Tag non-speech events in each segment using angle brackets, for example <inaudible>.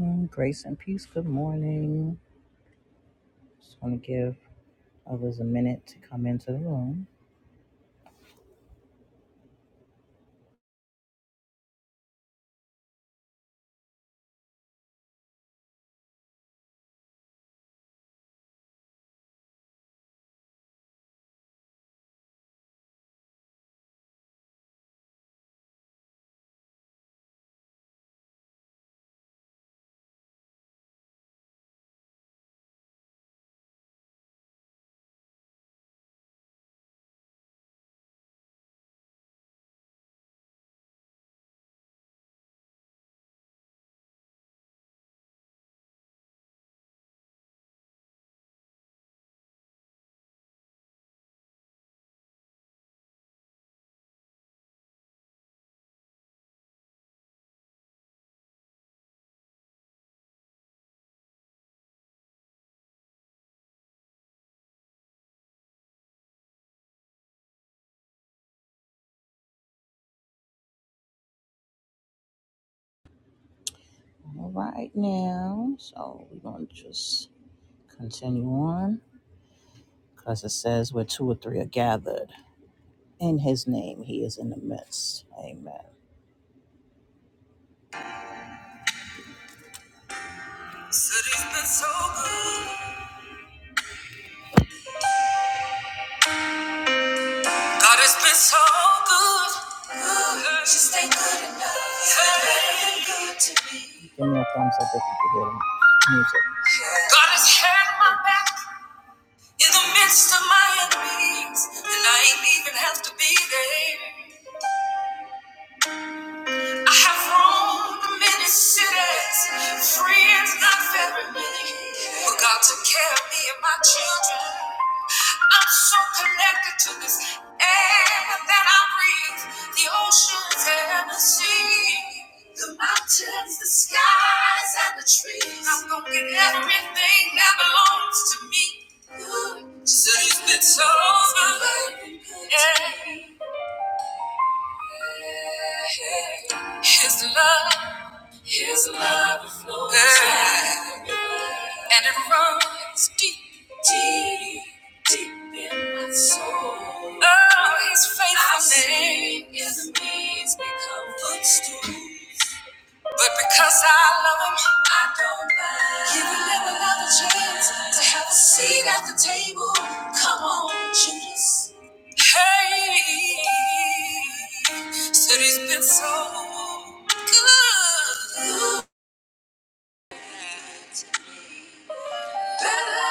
Mm, Grace and peace. Good morning. Just want to give others a minute to come into the room. All right now. So we're going to just continue on because it says where two or three are gathered. In his name, he is in the midst. Amen. Said he's been so good. God has been so good. Ooh, She stayed good enough. Hey. Good to me. Give me a thumbs up if you can hear the music. God has had my back. In the midst of my enemies, and I ain't even have to be there. I have roamed many cities, friends not very many, but God took care of me and my children. I'm so connected to this air that I breathe, the oceans and the sea. The mountains, the skies, and the trees. I'm gonna get everything that belongs to me. Just so you've been so good. Yeah. His love, His love flows yeah. and it runs deep, deep, deep in my soul. Oh, His faithfulness I've seen His knees become footstools. But because I love him, I don't mind. He will live another chance to have a seat at the table. Come on, Judas. Hey, said he's been so good, better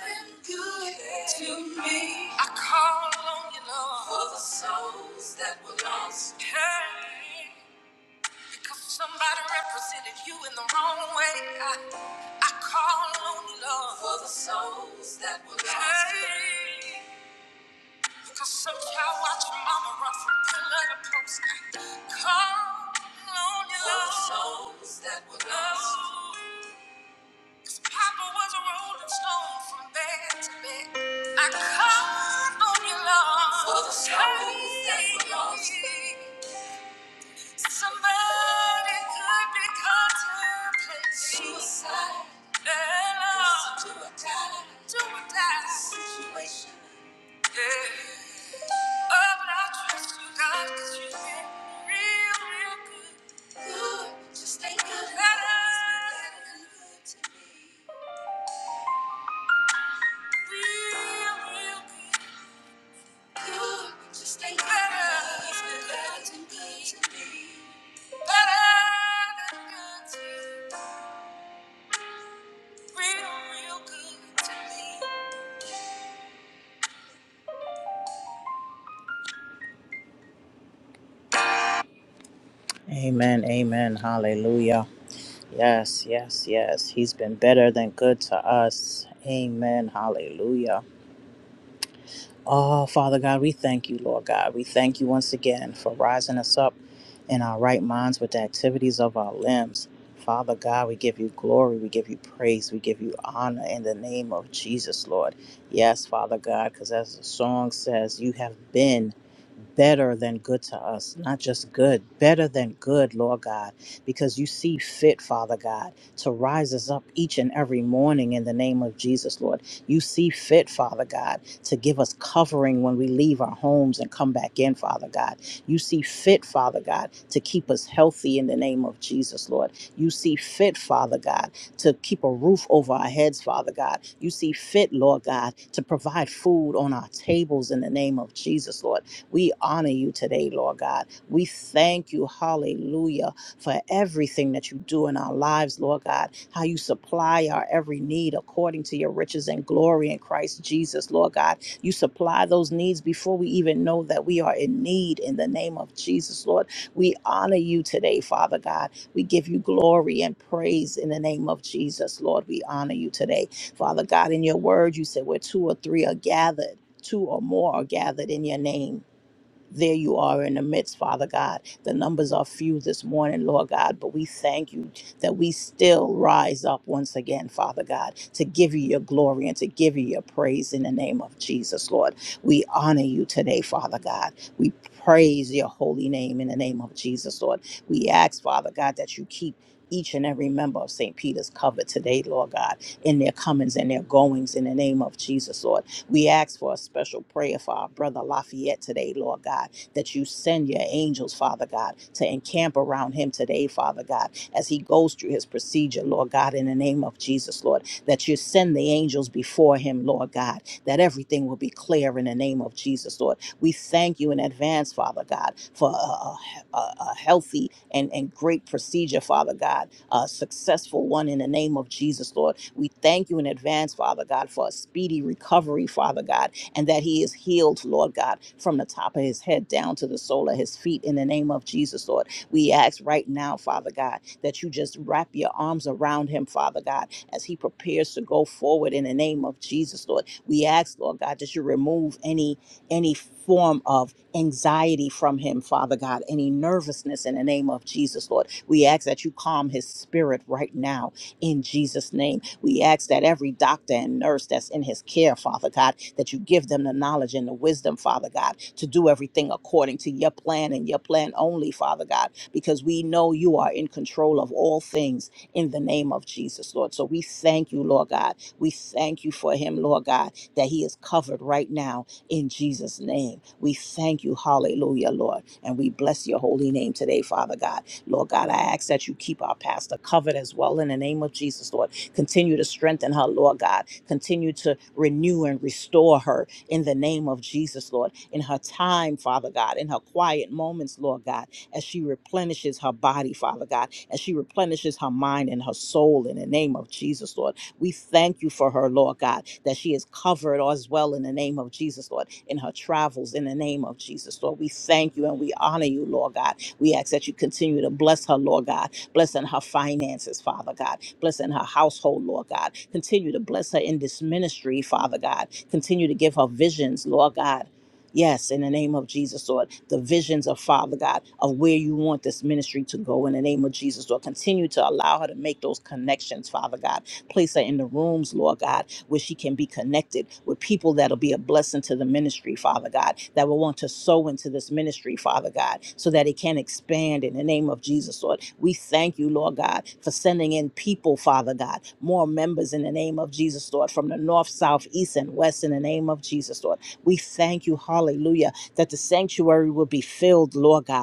than good to me. I call on you, Lord, for the souls that were lost. Hey. Cause somebody represented you in the wrong way. I, I call on you, Lord. For the souls that were lost. Hey. Cause some child watched mama run from pillar to post. I call on you, For the Lord. souls that were lost. Oh, Papa was a rolling stone from bed to bed. I called on you, Lord. For the souls that were lost. Somebody could be contemplating suicide. Yeah, Do or die. Do or die. Situation. Yeah. Oh, but I trust you, God, 'cause you've been real, real good. Good. Just thank good God, I've been Real, real good. Good. Just thank God. God, He's been better than good to me. Better than good to me. Amen, amen, hallelujah. Yes, yes, yes. He's been better than good to us. Amen, hallelujah. Oh, Father God, we thank you, Lord God. We thank you once again for rising us up in our right minds with the activities of our limbs. Father God, we give you glory, we give you praise, we give you honor in the name of Jesus, Lord. Yes, Father God, because as the song says, you have been. better than good to us, not just good, better than good, Lord God, because you see fit, Father God, to rise us up each and every morning in the name of Jesus, Lord. You see fit, Father God, to give us covering when we leave our homes and come back in, Father God. You see fit, Father God, to keep us healthy in the name of Jesus, Lord. You see fit, Father God, to keep a roof over our heads, Father God. You see fit, Lord God, to provide food on our tables in the name of Jesus, Lord. We honor you today, Lord God. We thank you, hallelujah, for everything that you do in our lives, Lord God, how you supply our every need according to your riches and glory in Christ Jesus, Lord God. You supply those needs before we even know that we are in need in the name of Jesus, Lord. We honor you today, Father God. We give you glory and praise in the name of Jesus, Lord. We honor you today. Father God, in your word, you said where two or three are gathered, two or more are gathered in your name there you are in the midst, Father God. The numbers are few this morning, Lord God, but we thank you that we still rise up once again, Father God, to give you your glory and to give you your praise in the name of Jesus, Lord. We honor you today, Father God. We praise your holy name in the name of Jesus, Lord. We ask, Father God, that you keep each and every member of St. Peter's covered today, Lord God, in their comings and their goings in the name of Jesus, Lord. We ask for a special prayer for our brother Lafayette today, Lord God, that you send your angels, Father God, to encamp around him today, Father God, as he goes through his procedure, Lord God, in the name of Jesus, Lord, that you send the angels before him, Lord God, that everything will be clear in the name of Jesus, Lord. We thank you in advance, Father God, for a, a, a- a healthy and, and great procedure, Father God, a successful one in the name of Jesus, Lord we thank you in advance, Father God, for a speedy recovery, Father God, and that he is healed, Lord God, from the top of his head down to the sole of his feet in the name of Jesus, Lord. We ask right now, Father God, that you just wrap your arms around him, Father God, as he prepares to go forward in the name of Jesus, Lord. We ask, Lord God, that you remove any any form of anxiety from him, Father God, any nervousness in the name of Jesus, Lord. We ask that you calm his spirit right now in Jesus' name we ask that every doctor and nurse that's in his care, Father God, that you give them the knowledge and the wisdom, Father God, to do everything according to your plan and your plan only, Father God, because we know you are in control of all things in the name of Jesus, Lord. So we thank you, Lord God. We thank you for him, Lord God, that he is covered right now in Jesus' name. We thank you, hallelujah, Lord. And we bless your holy name today, Father God. Lord God, I ask that you keep our pastor covered as well in the name of Jesus, Lord Continue to strengthen her, Lord God. Continue to renew and restore her in the name of Jesus, Lord. In her time, Father God, in her quiet moments, Lord God, as she replenishes her body, Father God, as she replenishes her mind and her soul in the name of Jesus, Lord. We thank you for her, Lord God, that she is covered as well in the name of Jesus, Lord, in her travels in the name of Jesus, Lord. We thank you and we honor you, Lord God. We ask that you continue to bless her, Lord God, blessing her finances, Father God, blessing her household, Lord God. Continue to bless her in this ministry, Father God. Continue to give her visions, Lord God. Yes, in the name of Jesus, Lord, the visions of Father God of where you want this ministry to go in the name of Jesus, Lord. Continue to allow her to make those connections, Father God Place her in the rooms, Lord God, where she can be connected with people that'll be a blessing to the ministry, Father God, that will want to sow into this ministry, Father God, so that it can expand in the name of Jesus, Lord. We thank you, Lord God, for sending in people, Father God, more members in the name of Jesus, Lord, from the north, south, east, and west in the name of Jesus, Lord. We thank you, hallelujah, that the sanctuary will be filled, Lord God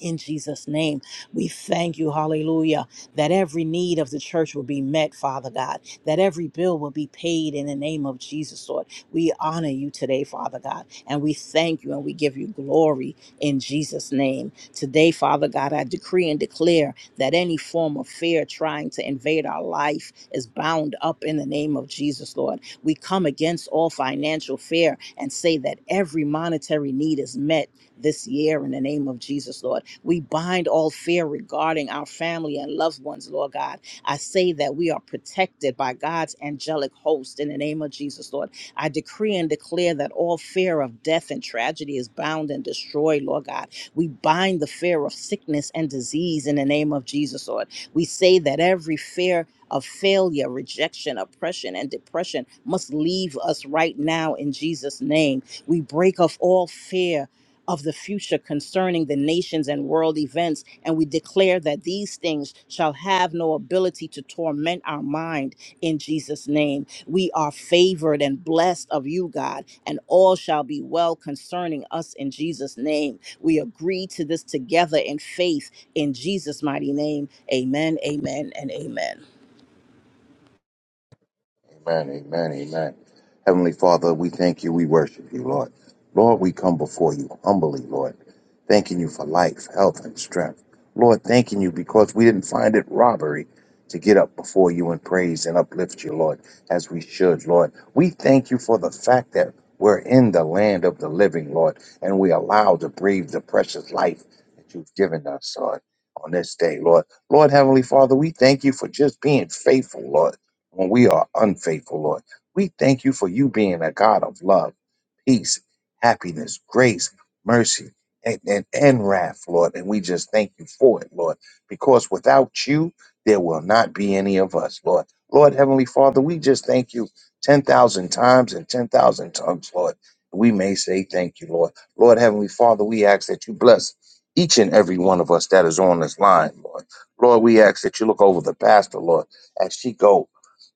in Jesus' name, we thank you, hallelujah, that every need of the church will be met, Father God, that every bill will be paid in the name of Jesus, Lord. We honor you today, Father God, and we thank you and we give you glory in Jesus' name. Today, Father God, I decree and declare that any form of fear trying to invade our life is bound up in the name of Jesus, Lord. We come against all financial fear and say that every monetary need is met this year in the name of Jesus, Lord. We bind all fear regarding our family and loved ones, Lord God. I say that we are protected by God's angelic host in the name of Jesus, Lord. I decree and declare that all fear of death and tragedy is bound and destroyed, Lord God. We bind the fear of sickness and disease in the name of Jesus, Lord. We say that every fear of failure, rejection, oppression, and depression must leave us right now in Jesus' name. We break off all fear of the future concerning the nations and world events, and we declare that these things shall have no ability to torment our mind in Jesus' name. We are favored and blessed of you, God, and all shall be well concerning us in Jesus' name. We agree to this together in faith in Jesus' mighty name. Amen, amen, and amen. Amen, amen, amen. Heavenly Father, we thank you, we worship you, Lord. Lord, we come before you humbly, Lord, thanking you for life, health, and strength. Lord, thanking you because we didn't find it robbery to get up before you and praise and uplift you, Lord, as we should, Lord. We thank you for the fact that we're in the land of the living, Lord, and we allowed to breathe the precious life that you've given us, Lord, on this day, Lord. Lord, Heavenly Father, we thank you for just being faithful, Lord when we are unfaithful, Lord. We thank you for you being a God of love, peace, happiness, grace, mercy, and, and, and wrath, Lord. And we just thank you for it, Lord, because without you, there will not be any of us, Lord. Lord, Heavenly Father, we just thank you 10,000 times and 10,000 tongues, Lord. We may say thank you, Lord. Lord, Heavenly Father, we ask that you bless each and every one of us that is on this line, Lord. Lord, we ask that you look over the pastor, Lord, as she go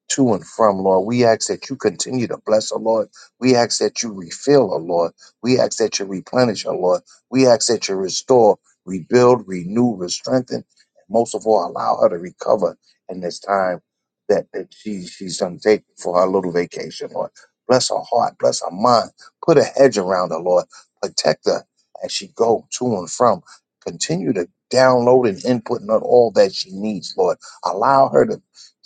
to and from, Lord. We ask that you continue to bless her, Lord. We ask that you refill her, Lord. We ask that you replenish her, Lord. We ask that you restore, rebuild, renew, strengthen, and most of all, allow her to recover in this time that, that she, she's undertaking for her little vacation, Lord. Bless her heart, bless her mind. Put a hedge around her, Lord. Protect her as she go to and from. Continue to download and input on all that she needs, Lord. Allow her to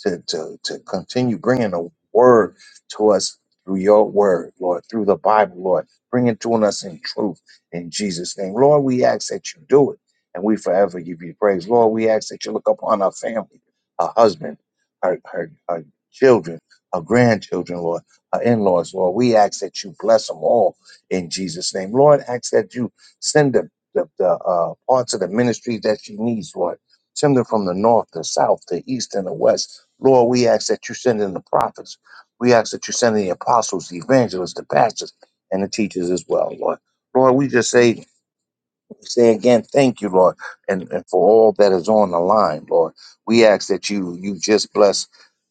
to, to, to continue bringing a word to us through your word, Lord, through the Bible, Lord. Bring it to us in truth in Jesus' name. Lord, we ask that you do it and we forever give you praise. Lord, we ask that you look upon our family, our husband, our, her, our children, our grandchildren, Lord, our in laws, Lord. We ask that you bless them all in Jesus' name. Lord, ask that you send the, the, the uh, parts of the ministry that she needs, Lord. Send them from the north, the south, the east, and the west Lord, we ask that you send in the prophets. We ask that you send in the apostles, the evangelists, the pastors, and the teachers as well, Lord. Lord, we just say say again, thank you, Lord, and, and for all that is on the line, Lord. We ask that you you just bless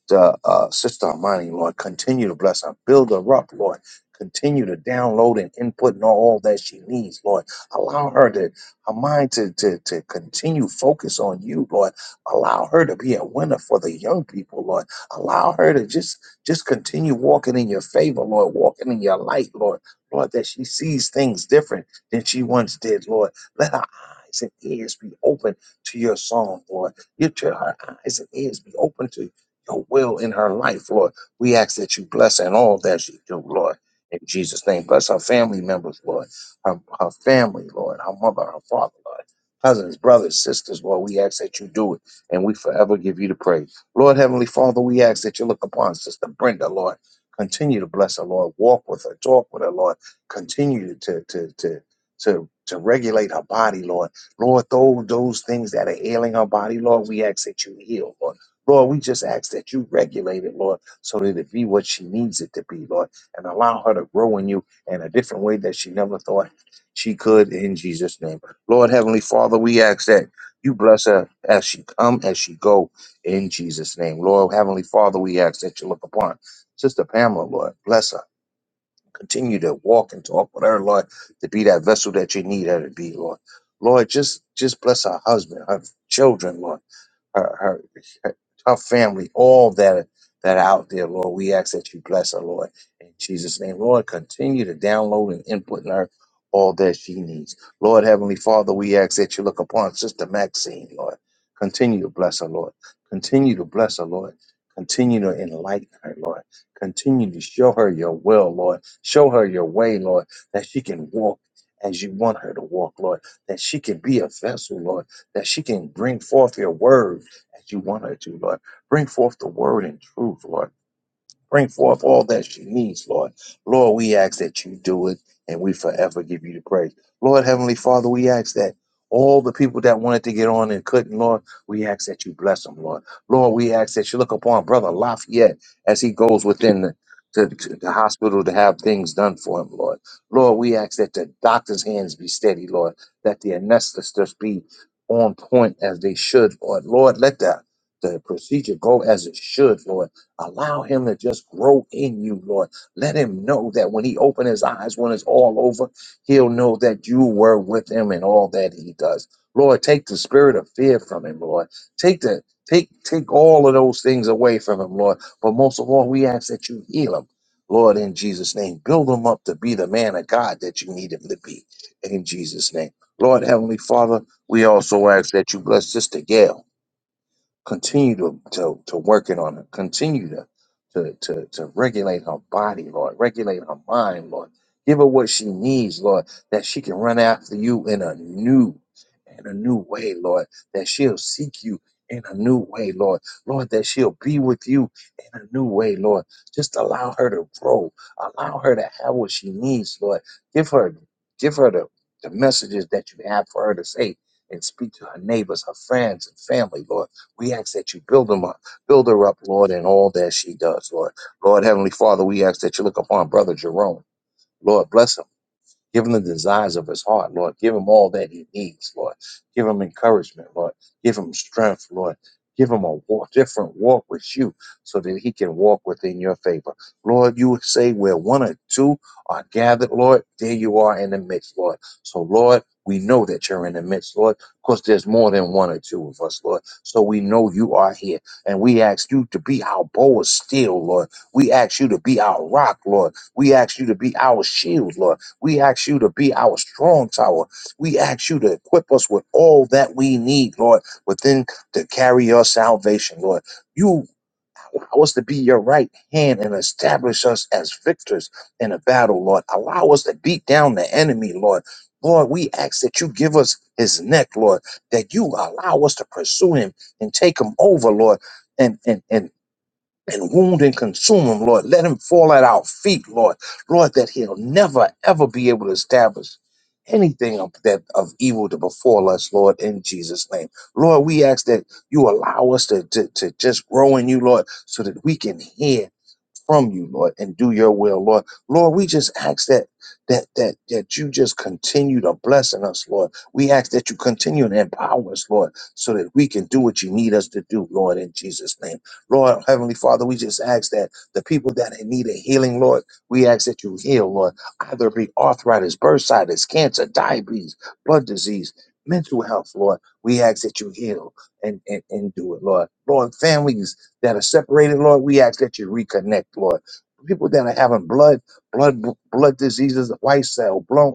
the uh, Sister Armani, Lord. Continue to bless her. Build her up, Lord. Continue to download and input in all that she needs, Lord. Allow her to her mind to, to, to continue focus on you, Lord. Allow her to be a winner for the young people, Lord. Allow her to just just continue walking in your favor, Lord, walking in your light, Lord. Lord, that she sees things different than she once did, Lord let her eyes and ears be open to your song, Lord. Get to her eyes and ears be open to your will in her life, Lord. We ask that you bless her in all that she do, Lord. In Jesus' name, bless her family members, Lord. Her, her family, Lord. Her mother, her father, Lord. Cousins, brothers, sisters, Lord, we ask that you do it, and we forever give you the praise. Lord, Heavenly Father, we ask that you look upon Sister Brenda, Lord. Continue to bless her, Lord. Walk with her, talk with her, Lord. Continue to, to, to, to to regulate her body, Lord. Lord, those those things that are ailing her body, Lord, we ask that you heal, Lord. Lord, we just ask that you regulate it, Lord, so that it be what she needs it to be, Lord, and allow her to grow in you in a different way that she never thought she could in Jesus' name. Lord, Heavenly Father, we ask that you bless her as she come, as she go, in Jesus' name. Lord, Heavenly Father, we ask that you look upon Sister Pamela, Lord, bless her. Continue to walk and talk with her, Lord, to be that vessel that you need her to be, Lord. Lord, just just bless her husband, her children, Lord her, her, her her family, all that are- that are out there, Lord. We ask that you bless her, Lord. In Jesus' name, Lord, continue to download and input in her all that she needs. Lord, Heavenly Father, we ask that you look upon Sister Maxine, Lord. Continue to bless her, Lord. Continue to bless her, Lord. Continue to enlighten her, Lord. Continue to show her your will, Lord. Show her your way, Lord, that she can walk as you want her to walk, Lord. That she can be a vessel, Lord. That she can bring forth your word, as you want her to, Lord. Bring forth the word in truth, Lord. Bring forth all that she needs, Lord. Lord, we ask that you do it and we forever give you the praise. Lord, Heavenly Father, we ask that all the people that wanted to get on and couldn't, Lord, we ask that you bless them, Lord. Lord, we ask that you look upon Brother Lafayette as he goes within the to, to the hospital to have things done for him, Lord. Lord, we ask that the doctor's hands be steady, Lord, that the anesthetists be on point as they should, Lord. Lord, let the, the procedure go as it should, Lord Allow him to just grow in you, Lord. Let him know that when he open his eyes, when it's all over, he'll know that you were with him in all that he does. Lord, take the spirit of fear from him, Lord. Take the take take all of those things away from him, Lord. But most of all, we ask that you heal him. Lord, in Jesus' name, build him up to be the man of God that you need him to be. In Jesus' name. Lord, Heavenly Father, we also ask that you bless Sister Gail. Continue to to, to working on her. Continue to, to to to regulate her body, Lord. Regulate her mind, Lord. Give her what she needs, Lord, that she can run after you in a new in a new way, Lord. That she'll seek you in a new way, Lord. Lord, that she'll be with you in a new way, Lord. Just allow her to grow. Allow her to have what she needs, Lord. Give her give her the, the messages that you have for her to say and speak to her neighbors, her friends, and family, Lord. We ask that you build them up, build her up, Lord, in all that she does, Lord. Lord, Heavenly Father, we ask that you look upon Brother Jerome. Lord, bless him. Give him the desires of his heart, Lord. Give him all that he needs, Lord. Give him encouragement, Lord. Give him strength, Lord. Give him a walk, different walk with you so that he can walk within your favor. Lord, you say where one or two are gathered, Lord, there you are in the midst, Lord. So, Lord, we know that you're in the midst, Lord, because there's more than one or two of us, Lord. So we know you are here. And we ask you to be our bow of steel, Lord. We ask you to be our rock, Lord. We ask you to be our shield, Lord. We ask you to be our strong tower. We ask you to equip us with all that we need, Lord, within to carry your salvation, Lord. You allow us to be your right hand and establish us as victors in a battle, Lord. Allow us to beat down the enemy, Lord. Lord, we ask that you give us his neck, Lord, that you allow us to pursue him and take him over, Lord. And, and, and and wound and consume him, Lord. Let him fall at our feet, Lord. Lord, that he'll never, ever be able to establish anything of that of evil to befall us, Lord, in Jesus' name. Lord, we ask that you allow us to, to, to just grow in you, Lord, so that we can hear from you, Lord, and do your will, Lord. Lord, we just ask that that that that you just continue to blessing us, Lord. We ask that you continue to empower us, Lord, so that we can do what you need us to do, Lord, in Jesus' name. Lord, Heavenly Father, we just ask that the people that need a healing, Lord, we ask that you heal, Lord. Either it be arthritis, bursitis, cancer, diabetes, blood disease, mental health, Lord. We ask that you heal and, and, and do it, Lord. Lord, families that are separated, Lord. We ask that you reconnect, Lord. People that are having blood, blood, blood diseases, white cell, blood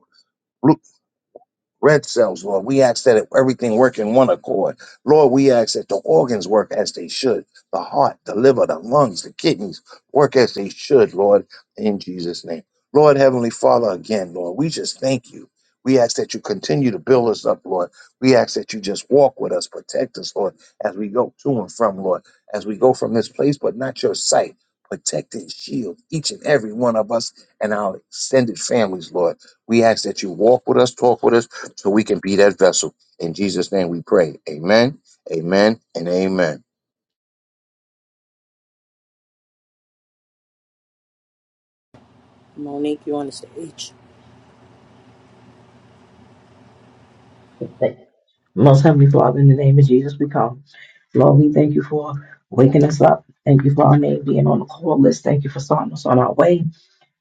red cells, Lord. We ask that everything work in one accord. Lord, we ask that the organs work as they should. The heart, the liver, the lungs, the kidneys work as they should, Lord, in Jesus' name. Lord, Heavenly Father, again, Lord, we just thank you. We ask that you continue to build us up, Lord. We ask that you just walk with us, protect us, Lord, as we go to and from, Lord, as we go from this place, but not your sight. Protect and shield each and every one of us and our extended families, Lord. We ask that you walk with us, talk with us so we can be that vessel. In Jesus' name we pray. Amen, amen, and amen. Monique, you on the stage? Thank- Most Heavenly Father, in the name of Jesus, we come. Lord, we thank you for waking us up. Thank you for our name being on the call list. Thank you for starting us on our way.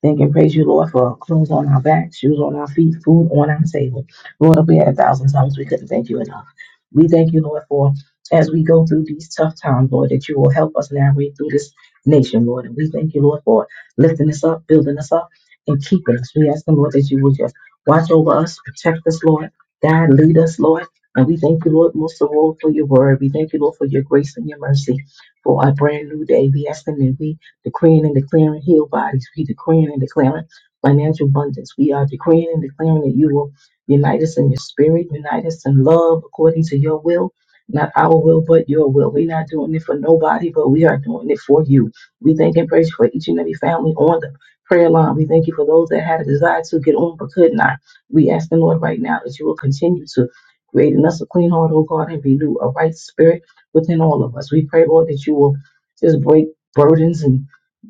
Thank and praise you, Lord, for clothes on our back, shoes on our feet, food on our table. Lord, if we had a thousand times, we couldn't thank you enough. We thank you, Lord, for as we go through these tough times, Lord, that you will help us navigate through this nation, Lord. And we thank you, Lord, for lifting us up, building us up, and keeping us. We ask the Lord that you will just watch over us, protect us, Lord. God, lead us, Lord. And we thank you, Lord, most of all for your word. We thank you, Lord, for your grace and your mercy for a brand new day. We ask them that we decreeing and declaring healed bodies. We decreeing and declaring financial abundance. We are decreeing and declaring that you will unite us in your spirit, unite us in love according to your will. Not our will, but your will. We're not doing it for nobody, but we are doing it for you. We thank and praise you for each and every family on the prayer line. We thank you for those that had a desire to get on but could not. We ask the Lord right now that you will continue to create in us a clean heart, O God, and renew a right spirit within all of us. We pray, Lord, that you will just break burdens and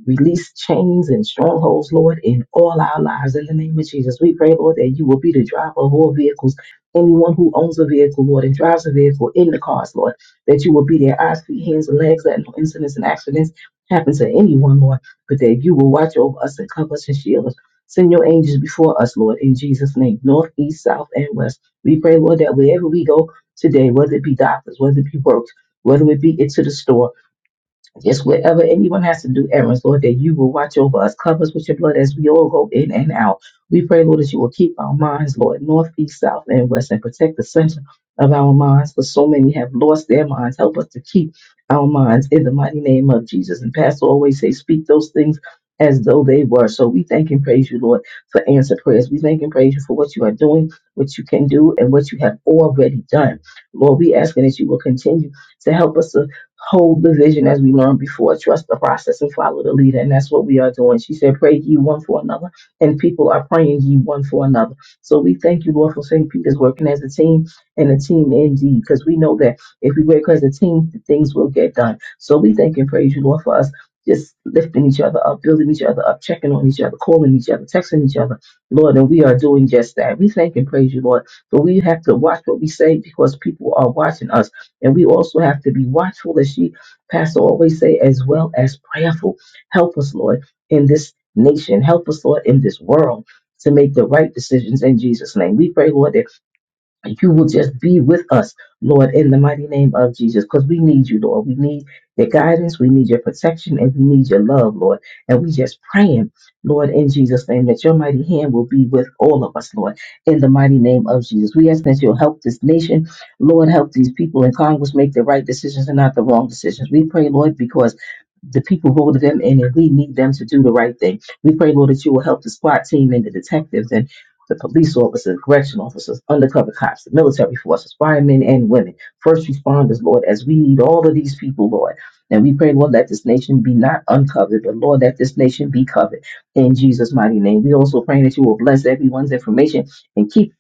Release chains and strongholds, Lord, in all our lives. In the name of Jesus, we pray, Lord, that you will be the driver of all vehicles. Anyone who owns a vehicle, Lord, and drives a vehicle in the cars, Lord, that you will be their eyes, feet, hands, and legs, that no incidents and accidents happen to anyone, Lord, but that you will watch over us and cover us and shield us. Send your angels before us, Lord, in Jesus' name, north, east, south, and west. We pray, Lord, that wherever we go today, whether it be doctors, whether it be works, whether it be into the store, just wherever anyone has to do errands, Lord, that you will watch over us, cover us with your blood as we all go in and out. We pray, Lord, that you will keep our minds, Lord, north, east, south, and west, and protect the center of our minds, for so many have lost their minds. Help us to keep our minds in the mighty name of Jesus. And Pastor always say, speak those things as though they were. So we thank and praise you, Lord, for answer prayers. We thank and praise you for what you are doing, what you can do, and what you have already done. Lord, we asking that you will continue to help us Hold the vision as we learned before. Trust the process and follow the leader. And that's what we are doing. She said, Pray ye one for another. And people are praying ye one for another. So we thank you, Lord, for St. Peter's working as a team and a team indeed. Because we know that if we work as a team, things will get done. So we thank and praise you, Lord, for us just lifting each other up, building each other up, checking on each other, calling each other, texting each other. Lord, and we are doing just that. We thank and praise you, Lord. But we have to watch what we say because people are watching us. And we also have to be watchful, as she, Pastor, always say, as well as prayerful. Help us, Lord, in this nation. Help us, Lord, in this world to make the right decisions in Jesus' name. We pray, Lord, that you will just be with us, Lord, in the mighty name of Jesus, because we need you, Lord. We need your guidance, we need your protection, and we need your love, Lord. And we just praying, Lord, in Jesus' name, that your mighty hand will be with all of us, Lord, in the mighty name of Jesus. We ask that you'll help this nation, Lord, help these people in Congress make the right decisions and not the wrong decisions. We pray, Lord, because the people voted them in and we need them to do the right thing. We pray, Lord, that you will help the SWAT team and the detectives and the police officers, correction officers, undercover cops, the military forces, firemen and women, first responders, Lord, as we need all of these people, Lord. And we pray, Lord, let this nation be not uncovered, but Lord, let this nation be covered in Jesus' mighty name. We also pray that you will bless everyone's information and keep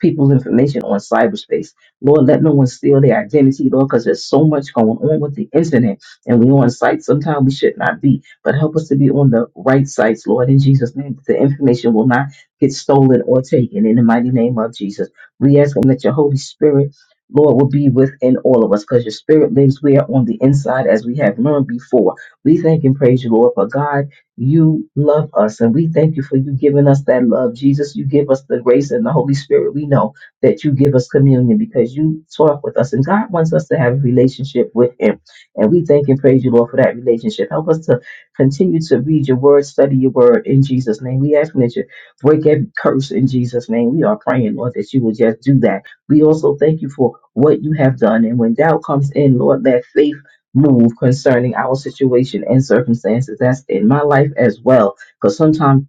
people's information on cyberspace. Lord, let no one steal their identity, Lord, because there's so much going on with the internet and we on sites sometimes we should not be. But help us to be on the right sites, Lord, in Jesus' name. The information will not get stolen or taken in the mighty name of Jesus. We ask him that your Holy Spirit, Lord, will be within all of us because your spirit lives where on the inside as we have learned before. We thank and praise you, Lord, for God, you love us and we thank you for you giving us that love. Jesus, you give us the grace and the Holy Spirit. We know that you give us communion because you talk with us and God wants us to have a relationship with him. And we thank and praise you, Lord, for that relationship. Help us to continue to read your word, study your word in Jesus' name. We ask that you break every curse in Jesus' name. We are praying, Lord, that you will just do that. We also thank you for what you have done. And when doubt comes in, Lord, let faith move concerning our situation and circumstances that's in my life as well. Because sometimes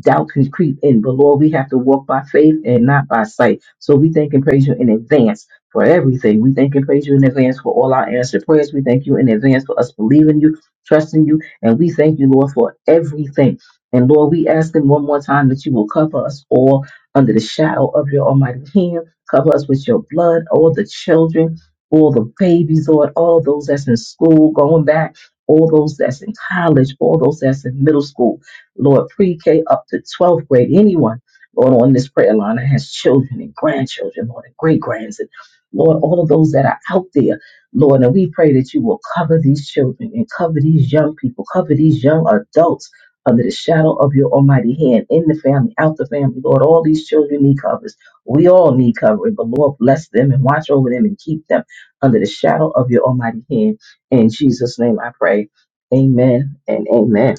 doubt can creep in. But Lord, we have to walk by faith and not by sight. So we thank and praise you in advance for everything. We thank and praise you in advance for all our answered prayers. We thank you in advance for us believing you, trusting you, and we thank you, Lord, for everything. And Lord, we ask them one more time that you will cover us all under the shadow of your almighty hand. Cover us with your blood, all the children, all the babies, Lord, all those that's in school, going back, all those that's in college, all those that's in middle school Lord, pre K up to 12th grade, anyone, Lord, on this prayer line that has children and grandchildren, Lord, and great grands, and Lord, all of those that are out there, Lord, and we pray that you will cover these children and cover these young people, cover these young adults under the shadow of your almighty hand, in the family, out the family, Lord. All these children need covers. We all need covering, but Lord, bless them and watch over them and keep them under the shadow of your almighty hand. In Jesus' name I pray. Amen and amen.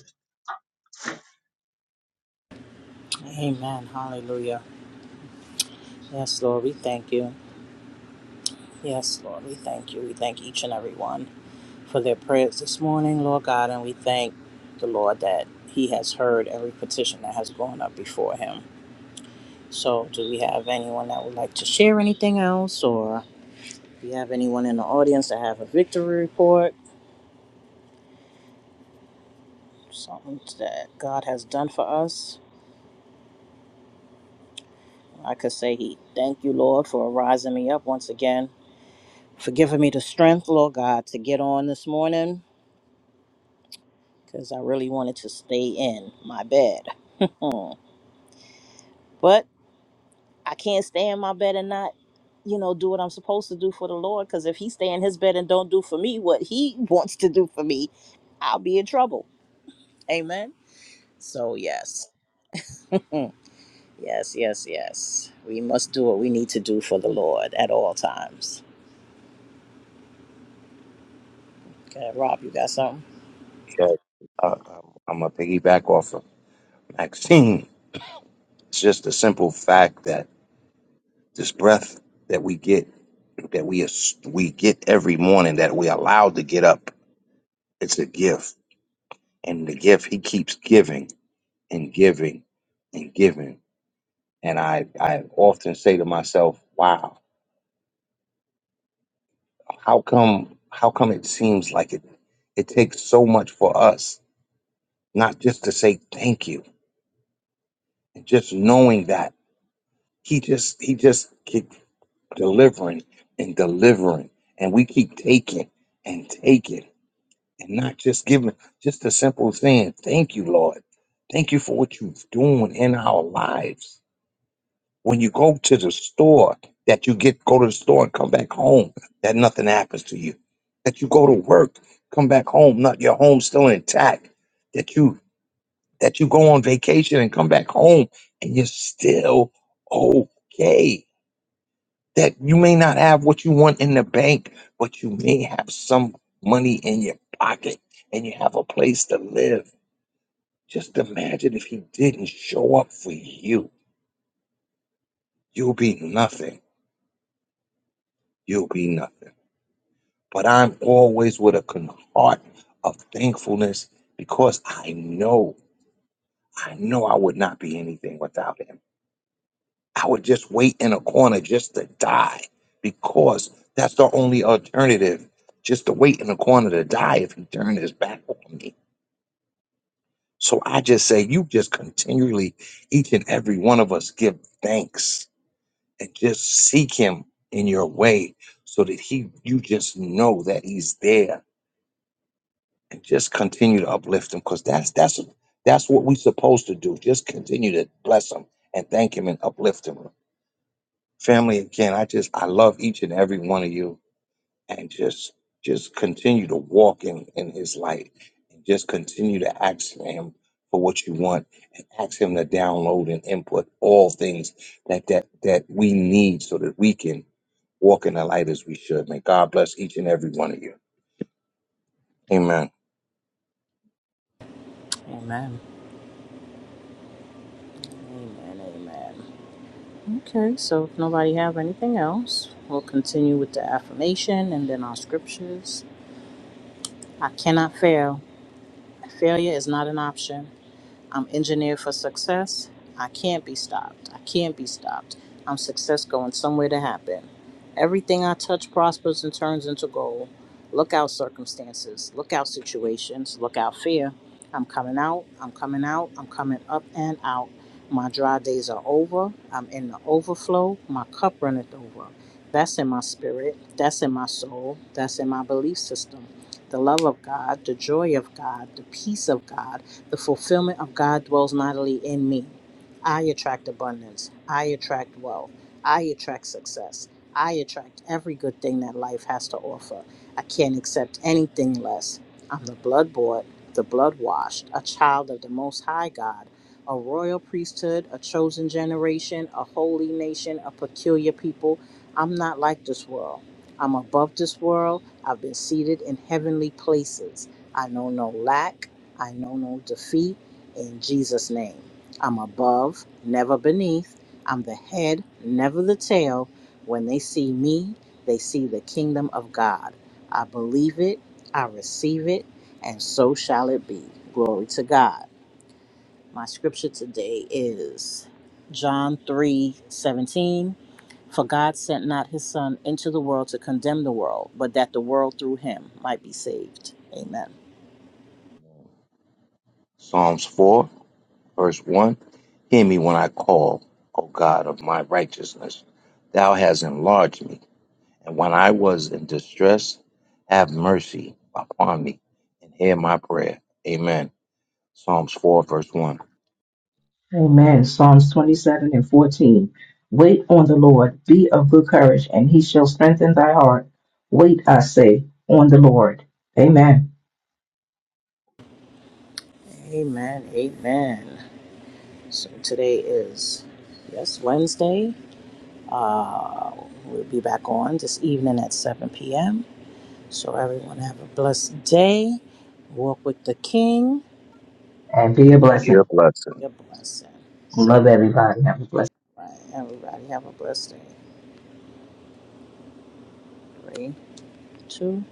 Amen. Hallelujah. Yes, Lord, we thank you. Yes, Lord, we thank you. We thank each and every one. for their prayers this morning, Lord God, and we thank the Lord that He has heard every petition that has gone up before Him. So, do we have anyone that would like to share anything else, or do we have anyone in the audience that have a victory report, something that God has done for us? I could say, He thank you, Lord, for rising me up once again, for giving me the strength, Lord God, to get on this morning, because I really wanted to stay in my bed. Hmm. But I can't stay in my bed and not, you know, do what I'm supposed to do for the Lord. Because if he stay in his bed and don't do for me what he <laughs> wants to do for me, I'll be in trouble. Amen. So yes, yes, yes, yes. We must do what we need to do for the Lord at all times. Okay, Rob, you got something? Yes. Uh, I'm going to piggyback off of Maxine. It's just a simple fact that this breath that we get, that we, we get every morning, that we allowed to get up, it's a gift. And the gift, he keeps giving and giving and giving. And I, I often say to myself, wow, how come, how come it seems like it, it takes so much for us not just to say thank you and just knowing that he just he just keep delivering and delivering and we keep taking and taking and not just giving just a simple saying thank you lord thank you for what you're doing in our lives when you go to the store that you get go to the store and come back home that nothing happens to you that you go to work come back home not your home still intact that you that you go on vacation and come back home and you're still okay. That you may not have what you want in the bank, but you may have some money in your pocket and you have a place to live. Just imagine if he didn't show up for you. You'll be nothing. You'll be nothing. But I'm always with a con- heart of thankfulness because I know, I know I would not be anything without him. I would just wait in a corner just to die because that's the only alternative. Just to wait in a corner to die if he turned his back on me. So I just say, you just continually, each and every one of us, give thanks and just seek him in your way so that he, you just know that he's there and just continue to uplift him because that's, that's, that's what we're supposed to do. Just continue to bless him and thank him and uplift him. Family, again, I just I love each and every one of you, and just just continue to walk in in His light, and just continue to ask Him for what you want, and ask Him to download and input all things that that that we need so that we can walk in the light as we should. May God bless each and every one of you. Amen. Amen. Amen. Amen. Okay, so if nobody have anything else, we'll continue with the affirmation and then our scriptures. I cannot fail. Failure is not an option. I'm engineered for success. I can't be stopped. I can't be stopped. I'm success going somewhere to happen. Everything I touch prospers and turns into gold. Look out circumstances, look out situations, look out fear. I'm coming out, I'm coming out, I'm coming up and out. My dry days are over. I'm in the overflow. My cup runneth over. That's in my spirit. That's in my soul. That's in my belief system. The love of God, the joy of God, the peace of God the fulfillment of God dwells mightily in me. I attract abundance. I attract wealth. I attract success. I attract every good thing that life has to offer. I can't accept anything less. I'm the blood bought, the blood washed, a child of the Most High God, a royal priesthood, a chosen generation, a holy nation, a peculiar people. I'm not like this world. I'm above this world. I've been seated in heavenly places. I know no lack. I know no defeat in Jesus' name. I'm above, never beneath. I'm the head, never the tail. When they see me, they see the kingdom of God. I believe it, I receive it, and so shall it be. Glory to God. My scripture today is John 3 17. For God sent not his Son into the world to condemn the world, but that the world through him might be saved. Amen. Psalms 4, verse 1. Hear me when I call, O God of my righteousness. Thou hast enlarged me And when I was in distress, have mercy upon me and hear my prayer. Amen. Psalms 4, verse 1. Amen. Psalms 27 and 14. Wait on the Lord, be of good courage, and he shall strengthen thy heart. Wait, I say, on the Lord. Amen. Amen. Amen. So today is yes Wednesday. Uh, we'll be back on this evening at 7 p.m. So everyone have a blessed day. Walk with the King. And be a Be a blessing. blessing. Be a blessing. Love everybody. Have a blessed Right. Everybody have a blessed day. Three, two.